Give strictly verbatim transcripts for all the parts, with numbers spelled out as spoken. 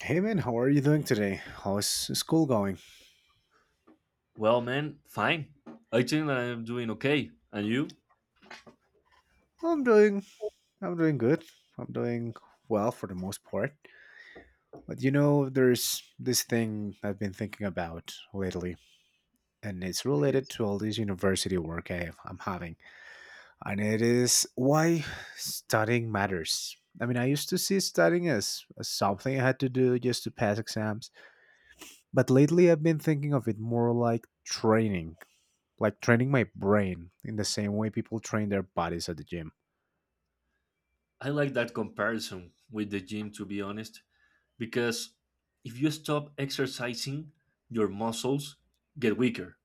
Hey man, how are you doing today? How is school going? Well, man, fine. I think that I'm doing okay. And you? I'm doing I'm doing good. I'm doing well for the most part. But you know, there's this thing I've been thinking about lately, and it's Okay. related to all this university work I, have, I'm having. And it is why studying matters. I mean, I used to see studying as, as something I had to do just to pass exams, but lately I've been thinking of it more like training, like training my brain in the same way people train their bodies at the gym. I like that comparison with the gym, to be honest, because if you stop exercising, your muscles get weaker.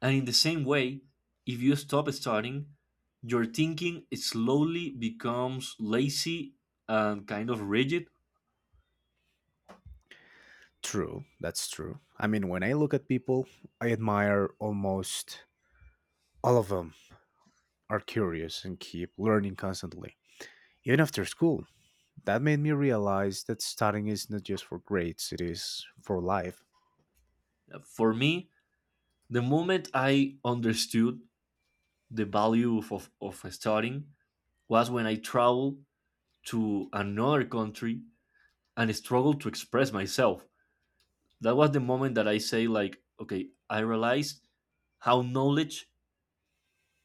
And in the same way, if you stop studying, your thinking slowly becomes lazy and kind of rigid. True, that's true. I mean, when I look at people, I admire almost all of them are curious and keep learning constantly. Even after school, that made me realize that studying is not just for grades, it is for life. For me, the moment I understood the value of, of, of studying was when I traveled to another country and I struggled to express myself. That was the moment that I say like, okay, I realized how knowledge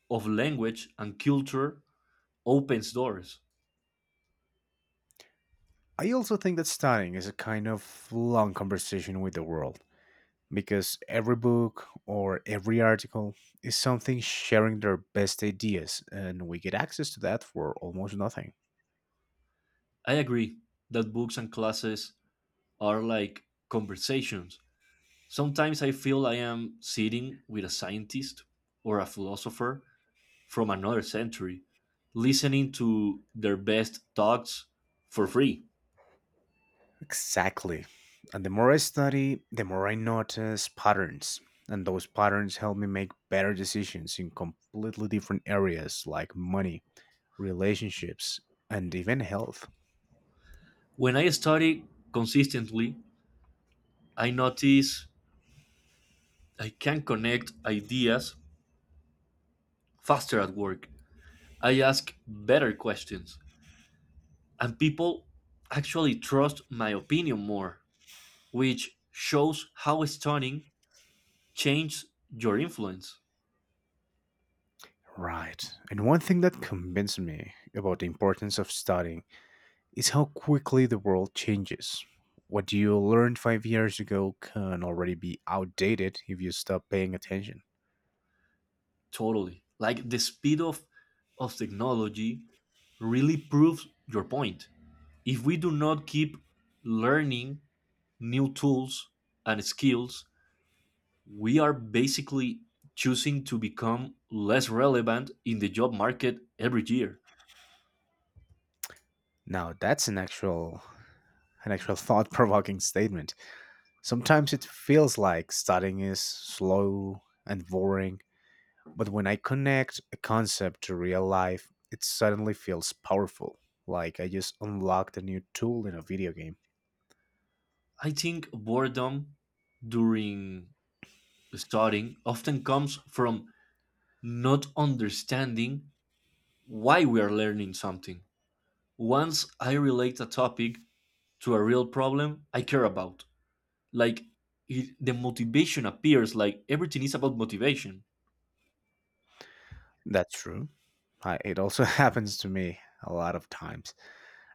of language and culture opens doors. I also think that studying is a kind of long conversation with the world because every book or every article is something sharing their best ideas, and we get access to that for almost nothing. I agree that books and classes are like conversations. Sometimes I feel I am sitting with a scientist or a philosopher from another century, listening to their best thoughts for free. Exactly. And the more I study, the more I notice patterns. And those patterns help me make better decisions in completely different areas like money, relationships, and even health. When I study consistently, I notice I can connect ideas faster at work. I ask better questions, and people actually trust my opinion more, which shows how stunning changes your influence. Right. And one thing that convinced me about the importance of studying is how quickly the world changes. What you learned five years ago can already be outdated if you stop paying attention. Totally. Like the speed of, of technology really proves your point. If we do not keep learning new tools and skills, we are basically choosing to become less relevant in the job market every year. Now that's an actual an actual thought provoking statement. Sometimes it feels like studying is slow and boring, but when I connect a concept to real life, it suddenly feels powerful, like I just unlocked a new tool in a video game. I think boredom during studying often comes from not understanding why we are learning something. Once I relate a topic to a real problem I care about, like it, the motivation appears, like everything is about motivation. That's true. I, it also happens to me a lot of times.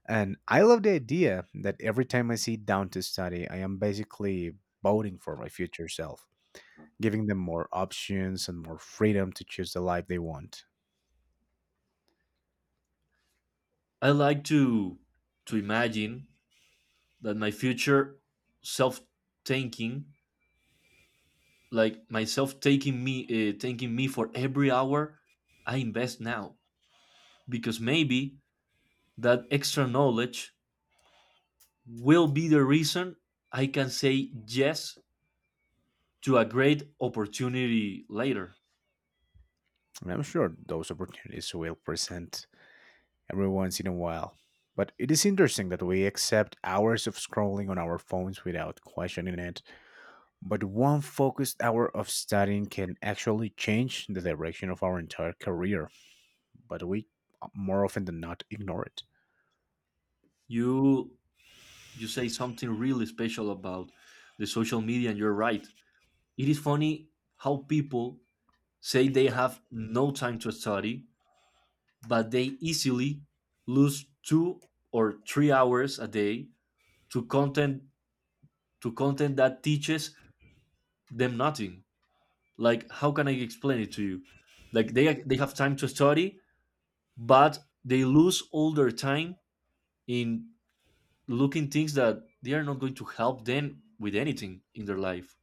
And I love the idea that every time I sit down to study, I am basically voting for my future self, giving them more options and more freedom to choose the life they want. I like to to imagine that my future self thinking, like myself taking me uh, thanking me for every hour I invest now, because maybe that extra knowledge will be the reason I can say yes to a great opportunity later. And I'm sure those opportunities will present every once in a while. But it is interesting that we accept hours of scrolling on our phones without questioning it. But one focused hour of studying can actually change the direction of our entire career, but we more often than not ignore it. You you say something really special about the social media and you're right. It is funny how people say they have no time to study, but they easily lose two or three hours a day to content to content that teaches them nothing. Like how can I explain it to you? Like they they have time to study but they lose all their time in looking things that they are not going to help them with anything in their life.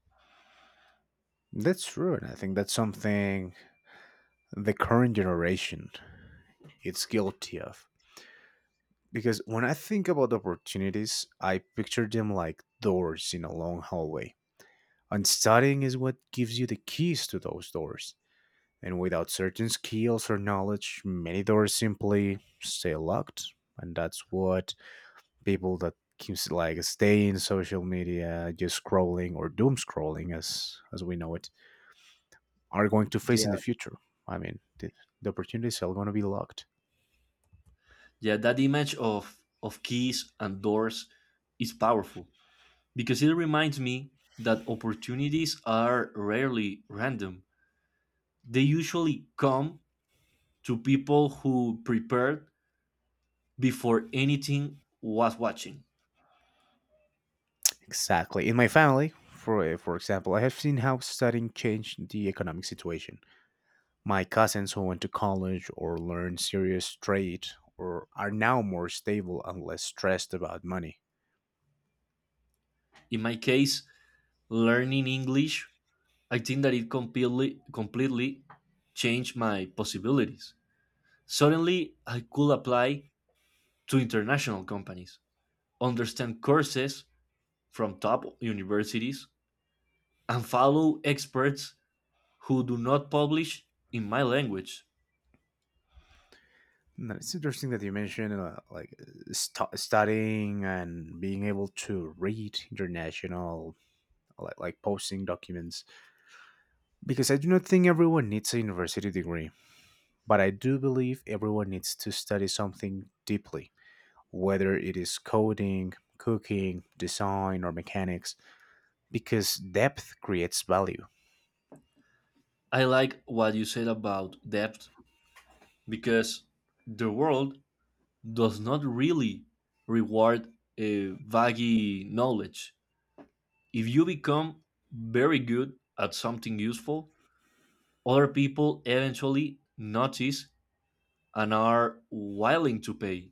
That's true, and I think that's something the current generation is guilty of. Because when I think about opportunities, I picture them like doors in a long hallway. And studying is what gives you the keys to those doors. And without certain skills or knowledge, many doors simply stay locked. And that's what people that keeps like stay in social media, just scrolling or doom scrolling as as we know it, are going to face in Yeah, the future. I mean, the, the opportunities are going to be locked. yeah, that image of of keys and doors is powerful because it reminds me that opportunities are rarely random. They usually come to people who prepared before anything was watching. Exactly. In my family, for for example, I have seen how studying changed the economic situation. My cousins who went to college or learned serious trade or are now more stable and less stressed about money. In my case, learning English, I think that it completely completely changed my possibilities. Suddenly, I could apply to international companies, understand courses from top universities, and follow experts who do not publish in my language. No, it's interesting that you mentioned uh, like st- studying and being able to read international like, like posting documents because I do not think everyone needs a university degree, but I do believe everyone needs to study something deeply, whether it is coding, cooking, design, or mechanics, because depth creates value. I like what you said about depth because the world does not really reward a vague knowledge. If you become very good at something useful, other people eventually notice and are willing to pay.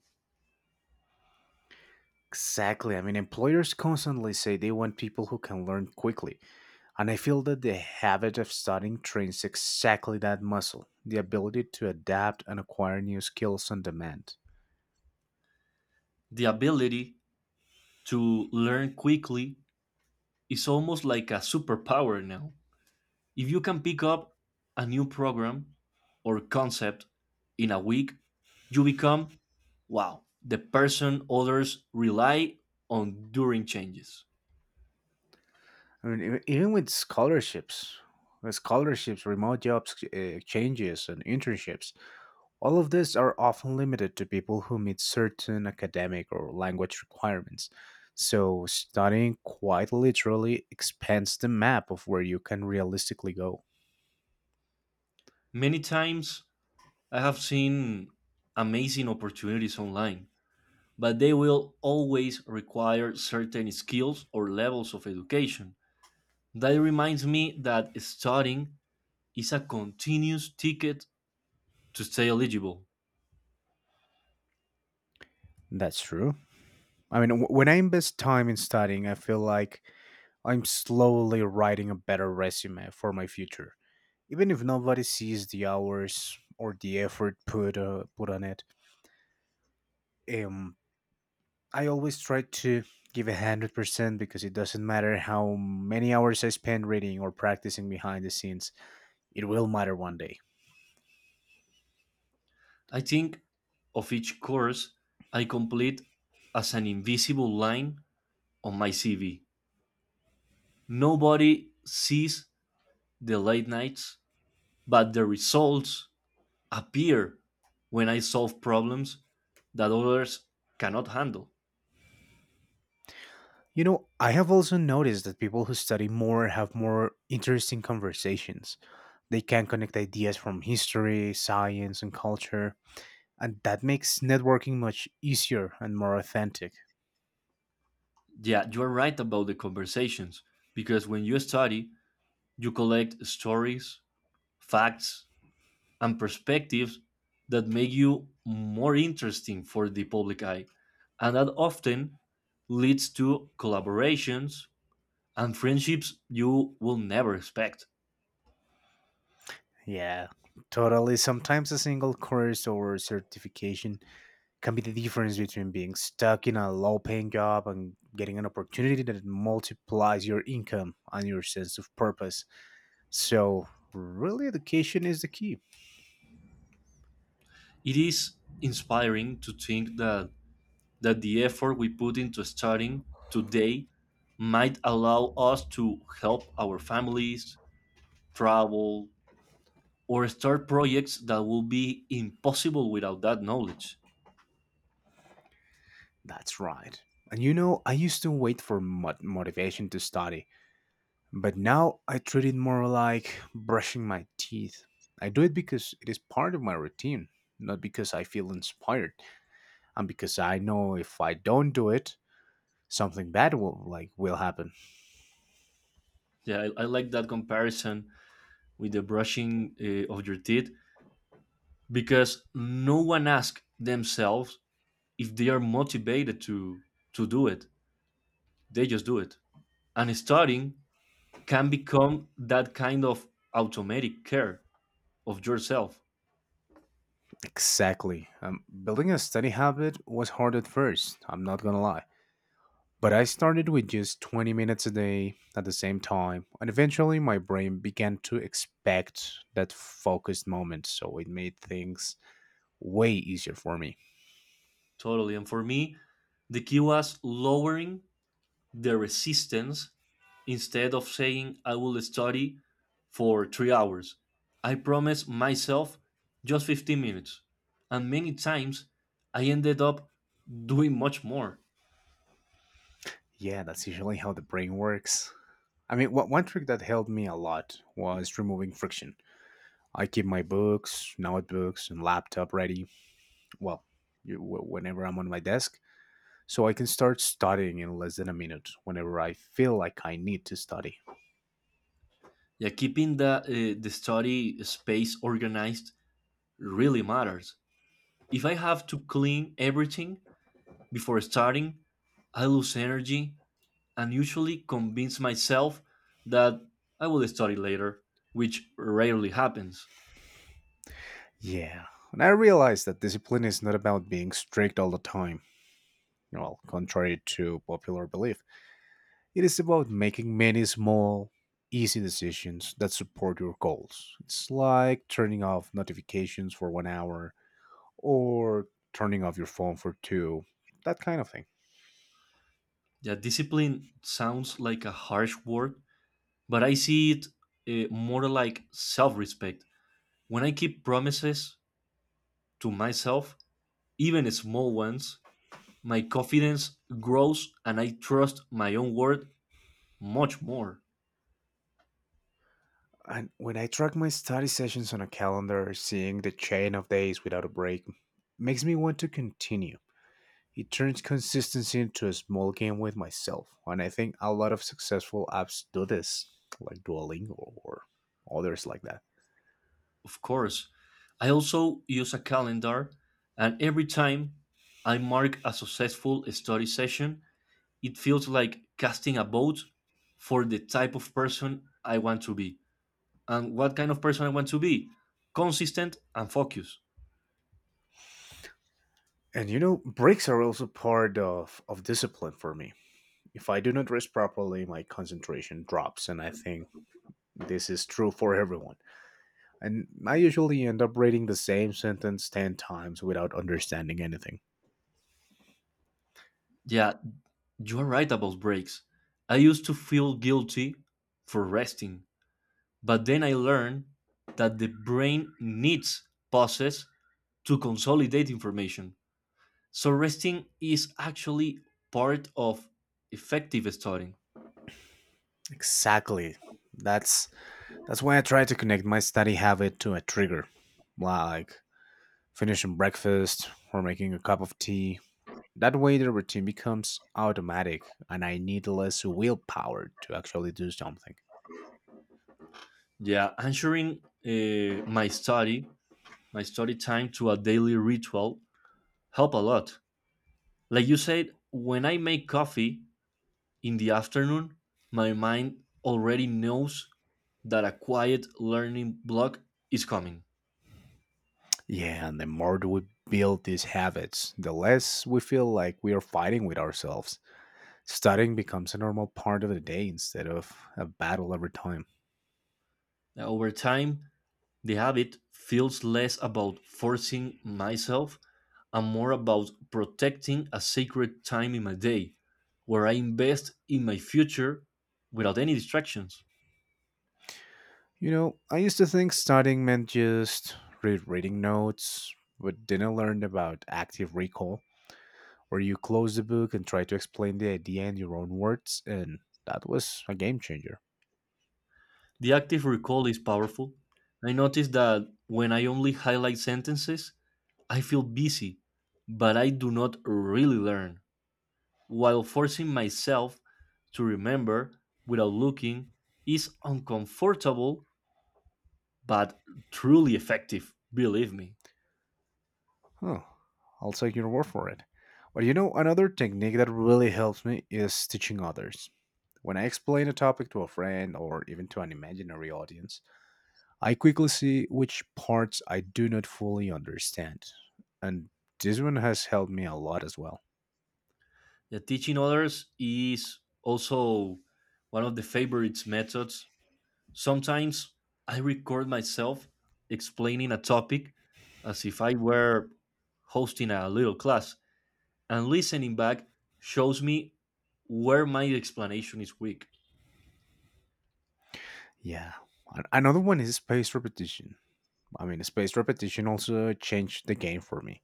Exactly. I mean, employers constantly say they want people who can learn quickly, and I feel that the habit of studying trains exactly that muscle the ability to adapt and acquire new skills on demand. The ability to learn quickly is almost like a superpower now. If you can pick up a new program or concept in a week, you become, wow, the person others rely on during changes. I mean, even even with scholarships, with scholarships, remote jobs, uh, exchanges, and internships, all of these are often limited to people who meet certain academic or language requirements. So, studying quite literally expands the map of where you can realistically go. Many times I have seen amazing opportunities online but they will always require certain skills or levels of education. That reminds me that studying is a continuous ticket to stay eligible. That's true. I mean, w- when I invest time in studying, I feel like I'm slowly writing a better resume for my future. Even if nobody sees the hours or the effort put uh, put on it, um, I always try to give a hundred percent because it doesn't matter how many hours I spend reading or practicing behind the scenes. It will matter one day. I think of each course I complete as an invisible line on my C V. Nobody sees the late nights, but the results appear when I solve problems that others cannot handle. You know, I have also noticed that people who study more have more interesting conversations. They can connect ideas from history, science, and culture and that makes networking much easier and more authentic. Yeah, you're right about the conversations, because when you study, you collect stories, facts, and perspectives that make you more interesting for the public eye. And that often leads to collaborations and friendships you will never expect. Yeah, totally. Sometimes a single course or certification can be the difference between being stuck in a low paying job and getting an opportunity that multiplies your income and your sense of purpose. So, really, education is the key. It is inspiring to think that, that the effort we put into studying today might allow us to help our families, travel, or start projects that will be impossible without that knowledge. That's right. And you know, I used to wait for mo- motivation to study. But now I treat it more like brushing my teeth. I do it because it is part of my routine, not because I feel inspired, and because I know if I don't do it, something bad will like will happen. Yeah, I, I like that comparison with the brushing uh, of your teeth because no one asks themselves if they are motivated to to do it. They just do it, and studying can become that kind of automatic care of yourself. Exactly. Um, building a study habit was hard at first. I'm not gonna lie. But I started with just twenty minutes a day at the same time, and eventually my brain began to expect that focused moment, so it made things way easier for me. Totally, and for me, the key was lowering the resistance instead of saying I will study for three hours. I promised myself just fifteen minutes. And many times I ended up doing much more. Yeah, that's usually how the brain works. I mean, one one trick that helped me a lot was removing friction. I keep my books, notebooks, and laptop ready, well, you- wh- whenever I'm on my desk, so I can start studying in less than a minute whenever I feel like I need to study. Yeah, keeping the, uh, the study space organized really matters. If I have to clean everything before starting, I lose energy and usually convince myself that I will study later, which rarely happens. Yeah. And I realized that discipline is not about being strict all the time, well, contrary to popular belief. It is about making many small, easy decisions that support your goals. It's like turning off notifications for one hour or turning off your phone for two, that kind of thing. Yeah, discipline sounds like a harsh word, but I see it uh, more like self respect. When I keep promises to myself, even small ones, my confidence grows and I trust my own word much more. And when I track my study sessions on a calendar, seeing the chain of days without a break makes me want to continue. It turns consistency into a small game with myself, and I think a lot of successful apps do this, like Duolingo or others like that. Of course, I also use a calendar, and every time I mark a successful study session, it feels like casting a vote for the type of person I want to be, and what kind of person I want to be, consistent and focused. And you know, breaks are also part of, of discipline for me. If I do not rest properly, my concentration drops, and I think this is true for everyone. And I usually end up reading the same sentence ten times without understanding anything. Yeah, you are right about breaks. I used to feel guilty for resting, but then I learned that the brain needs pauses to consolidate information. So resting is actually part of effective studying. Exactly. That's that's why I try to connect my study habit to a trigger, like finishing breakfast or making a cup of tea. That way the routine becomes automatic and I need less willpower to actually do something. Yeah, answering uh, my study, my study time to a daily ritual help a lot. Like you said, when I make coffee, in the afternoon, my mind already knows that a quiet learning block is coming. Yeah, and the more do we build these habits, the less we feel like we are fighting with ourselves. Studying becomes a normal part of the day instead of a battle every time. Now, over time, the habit feels less about forcing myself and more about protecting a sacred time in my day where I invest in my future without any distractions. You know, I used to think studying meant just rereading notes, but then I learned about active recall, where you close the book and try to explain the idea in your own words, and that was a game changer. The active recall is powerful. I notice that when I only highlight sentences, I feel busy, but I do not really learn. while forcing myself to remember without looking is uncomfortable but truly effective, believe me. Huh. I'll take your word for it. But you know, another technique that really helps me is teaching others. When I explain a topic to a friend or even to an imaginary audience, I quickly see which parts I do not fully understand. And this one has helped me a lot as well. The teaching others is also one of the favorites methods. Sometimes I record myself explaining a topic as if I were hosting a little class, and listening back shows me where my explanation is weak. Yeah. An- Another one is spaced repetition. I mean, spaced repetition also changed the game for me.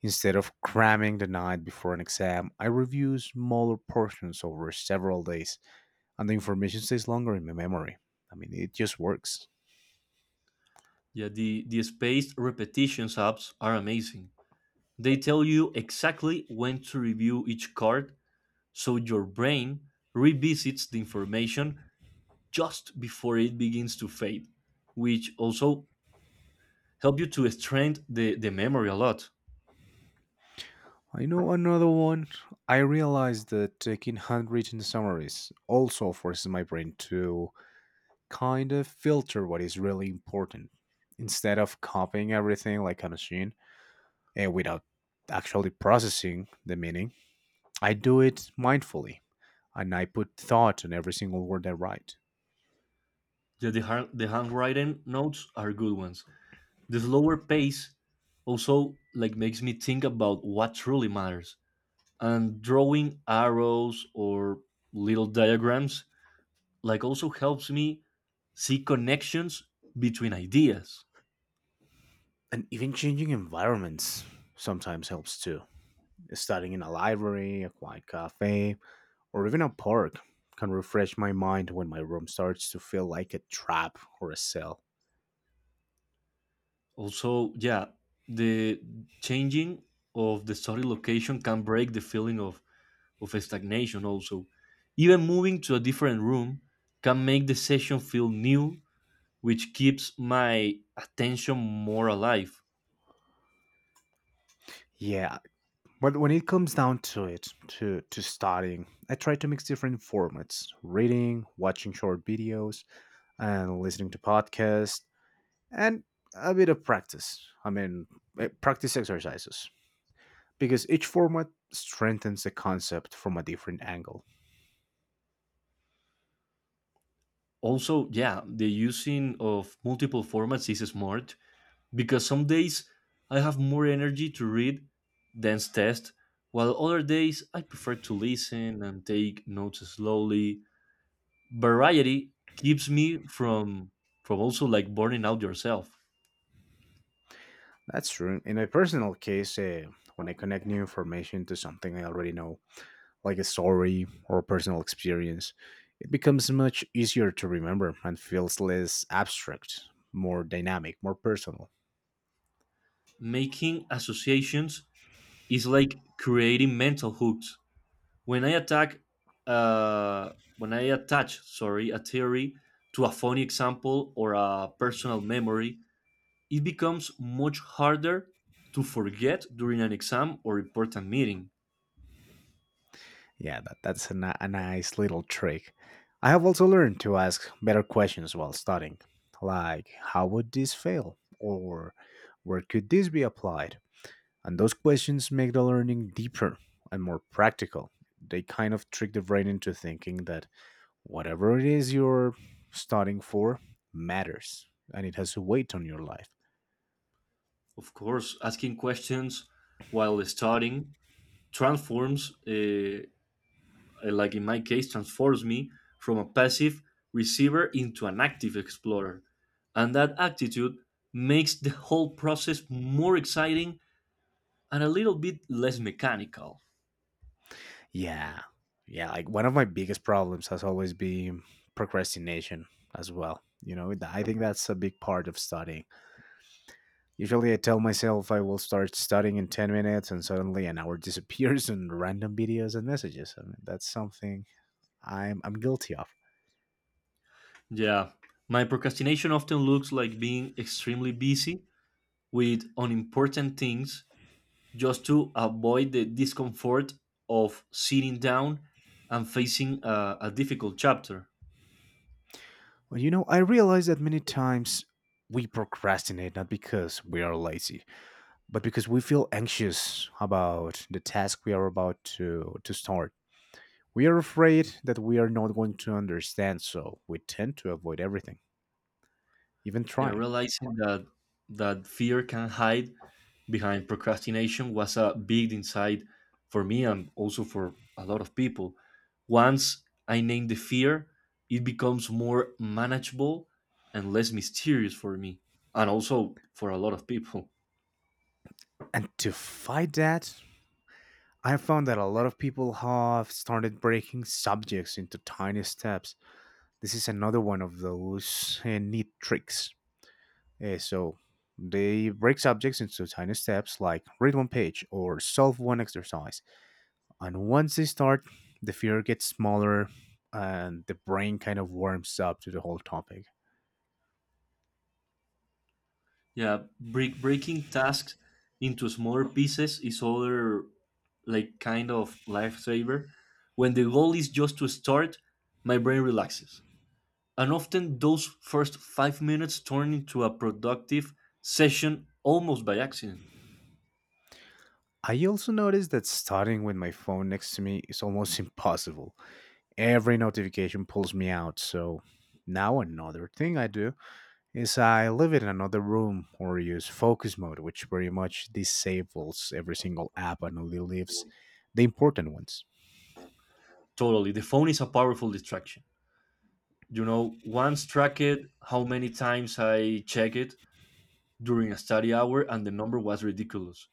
Instead of cramming the night before an exam, I review smaller portions over several days and the information stays longer in my memory. I mean, it just works. Yeah, the, the spaced repetitions apps are amazing. They tell you exactly when to review each card, so your brain revisits the information just before it begins to fade, which also help you to strengthen the, the memory a lot. I know another one. I realized that taking handwritten summaries also forces my brain to kind of filter what is really important instead of copying everything like a machine eh, without actually processing the meaning. I do it mindfully and I put thought on every single word I write. The, the, hand, the handwritten notes are good ones. The slower pace also like makes me think about what truly matters. And drawing arrows or little diagrams like also helps me see connections between ideas. And even changing environments sometimes helps too. Starting in a library, a quiet cafe, or even a park can refresh my mind when my room starts to feel like a trap or a cell. Also, yeah, the changing of the study location can break the feeling of, of stagnation also. Even moving to a different room can make the session feel new, which keeps my attention more alive. Yeah, but when it comes down to it, to, to studying, I try to mix different formats reading, watching short videos, and listening to podcasts, and a bit of practice. I mean, eh, practice exercises, because each format strengthens the concept from a different angle. Also, yeah, the using of multiple formats is smart because some days I have more energy to read than test, while other days I prefer to listen and take notes slowly. Variety keeps me from from also like burning out yourself. That's true. In my personal case, uh, when I connect new information to something I already know, like a story or a personal experience, it becomes much easier to remember and feels less abstract, more dynamic, more personal. Making associations is like creating mental hooks. When i attack uh when i attach, sorry, a theory to a funny example or a personal memory, it becomes much harder to forget during an exam or important meeting. Yeah, that, that's a, ni- a nice little trick. I have also learned to ask better questions while studying, like how would this fail? Or where could this be applied? And those questions make the learning deeper and more practical. They kind of trick the brain into thinking that whatever it is you're studying for matters and it has a weight on your life. Of course, asking questions while studying transforms uh, uh, like in my case, transforms me from a passive receiver into an active explorer. And that attitude makes the whole process more exciting and a little bit less mechanical. Yeah. Yeah. Like one of my biggest problems has always been procrastination as well. You know, th- I think that's a big part of studying. Usually I tell myself I will start studying in ten minutes and suddenly an hour disappears in random videos and messages. I mean, that's something I'm, I'm guilty of. Yeah, my procrastination often looks like being extremely busy with unimportant things just to avoid the discomfort of sitting down and facing a, a difficult chapter. Well, you know, I realize that many times we procrastinate not because we are lazy, but because we feel anxious about the task we are about to, to start. We are afraid that we are not going to understand, so we tend to avoid everything, even Yeah, trying. realizing that that fear can hide behind procrastination was a big insight for me and also for a lot of people. Once I name the fear, it becomes more manageable and less mysterious for me, and also for a lot of people. And to fight that, I found that a lot of people have started breaking subjects into tiny steps. This is another one of those uh, neat tricks. Uh, so they break subjects into tiny steps like read one page or solve one exercise. And once they start, the fear gets smaller and the brain kind of warms up to the whole topic. Yeah, break, breaking tasks into smaller pieces is other like kind of lifesaver. When the goal is just to start, my brain relaxes. And often those first five minutes turn into a productive session almost by accident. I also noticed that starting with my phone next to me is almost impossible. Every notification pulls me out, so now another thing I do is I leave it in another room or use focus mode, which pretty much disables every single app and only leaves the important ones. Totally. The phone is a powerful distraction. You know, once tracked how many times I check it during a study hour and the number was ridiculous.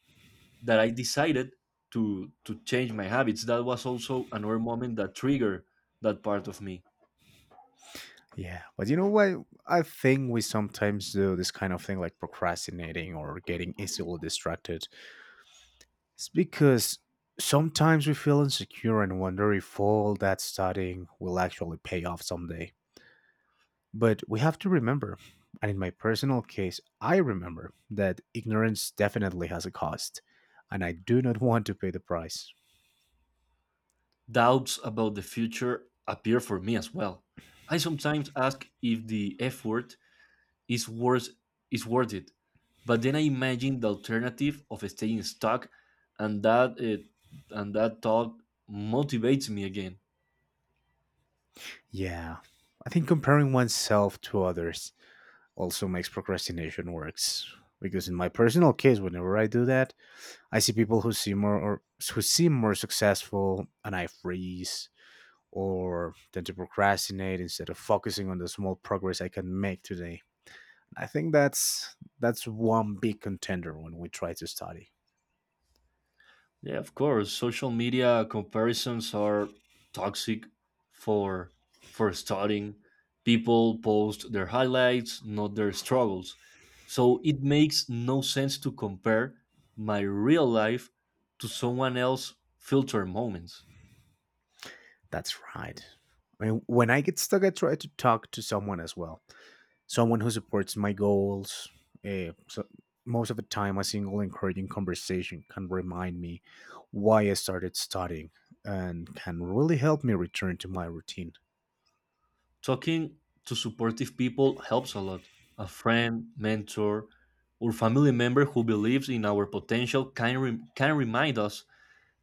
that I decided to to change my habits. That was also another moment that triggered that part of me. Yeah, but you know what? I think we sometimes do this kind of thing like procrastinating or getting easily distracted. It's because sometimes we feel insecure and wonder if all that studying will actually pay off someday. But we have to remember, and in my personal case, I remember that ignorance definitely has a cost, and I do not want to pay the price. Doubts about the future appear for me as well. I sometimes ask if the effort is worth is worth it. But then I imagine the alternative of staying stuck, and that uh, and that thought motivates me again. Yeah, I think comparing oneself to others also makes procrastination works, because in my personal case, whenever I do that, I see people who seem more or who seem more successful, and I freeze or tend to procrastinate instead of focusing on the small progress I can make today. I think that's that's one big contender when we try to study. Yeah, of course. Social media comparisons are toxic for for starting. People post their highlights, not their struggles. So it makes no sense to compare my real life to someone else's filter moments. That's right. I mean, when I get stuck, I try to talk to someone as well, someone who supports my goals. Uh, so most of the time, a single encouraging conversation can remind me why I started studying and can really help me return to my routine. Talking to supportive people helps a lot. A friend, mentor, or family member who believes in our potential can, rem- can remind us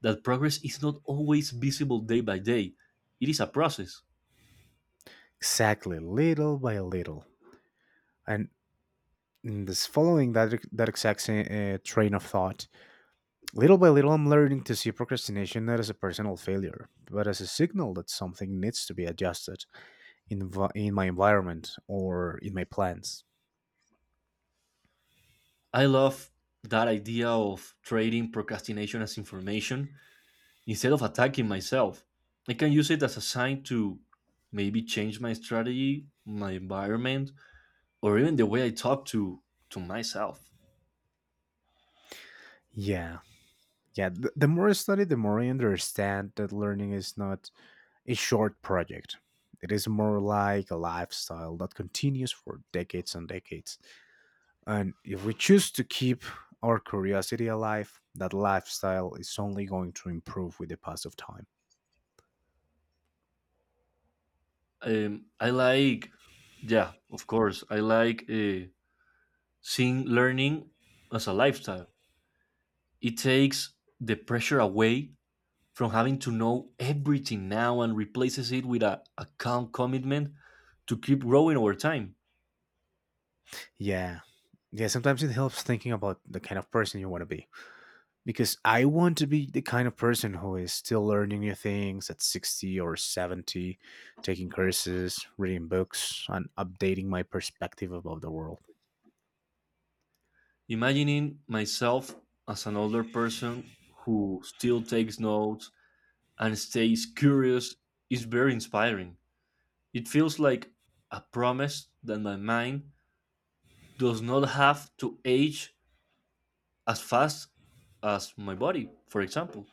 that progress is not always visible day by day. It is a process. Exactly, little by little. And in this following that that exact same, uh, train of thought, little by little, I'm learning to see procrastination not as a personal failure, but as a signal that something needs to be adjusted in, v- in my environment or in my plans. I love that idea of trading procrastination as information instead of attacking myself. I can use it as a sign to maybe change my strategy, my environment, or even the way I talk to to myself. Yeah, yeah, the, the more I study, the more I understand that learning is not a short project. It is more like a lifestyle that continues for decades and decades, and if we choose to keep our curiosity alive, that lifestyle is only going to improve with the pass of time. Um, I like, yeah, of course, I like uh, seeing learning as a lifestyle. It takes the pressure away from having to know everything now and replaces it with a, a calm commitment to keep growing over time. Yeah, yeah, sometimes it helps thinking about the kind of person you want to be, because I want to be the kind of person who is still learning new things at sixty or seventy, taking courses, reading books, and updating my perspective about the world. Imagining myself as an older person who still takes notes and stays curious is very inspiring. It feels like a promise that my mind does not have to age as fast as my body, for example.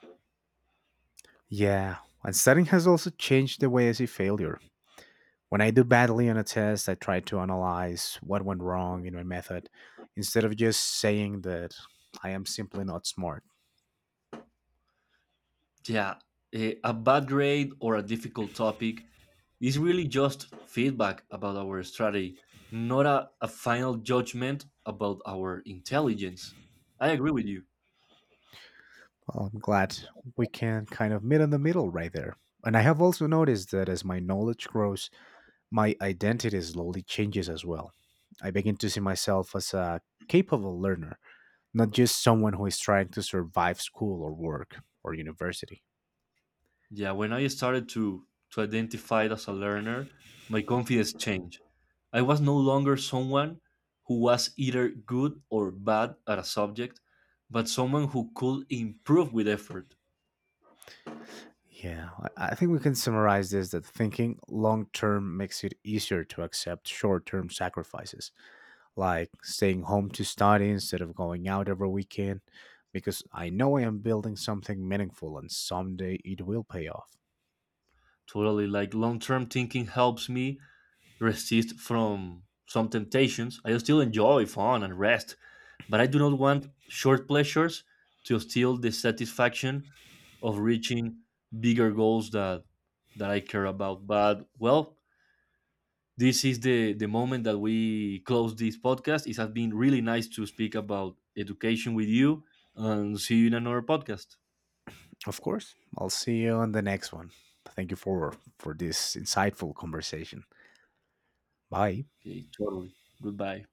Yeah, and studying has also changed the way I see failure. When I do badly on a test, I try to analyze what went wrong in my method instead of just saying that I am simply not smart. Yeah, eh, a bad grade or a difficult topic is really just feedback about our strategy, not a, a final judgment about our intelligence. I agree with you. Well, I'm glad we can kind of meet in the middle right there. And I have also noticed that as my knowledge grows, my identity slowly changes as well. I begin to see myself as a capable learner, not just someone who is trying to survive school or work or university. Yeah, when I started to, to identify it as a learner, my confidence changed. I was no longer someone who was either good or bad at a subject, but someone who could improve with effort. Yeah, I I think we can summarize this that thinking long term makes it easier to accept short term sacrifices, like staying home to study instead of going out every weekend, because I know I am building something meaningful and someday it will pay off. Totally. Like long term thinking helps me resist from some temptations. I still enjoy fun and rest, but I do not want short pleasures to steal the satisfaction of reaching bigger goals that that I care about. But well, this is the the moment that we close this podcast. It has been really nice to speak about education with you, and see you in another podcast. Of course. I'll see you on the next one. Thank you for for this insightful conversation. Bye. Okay, totally. Goodbye.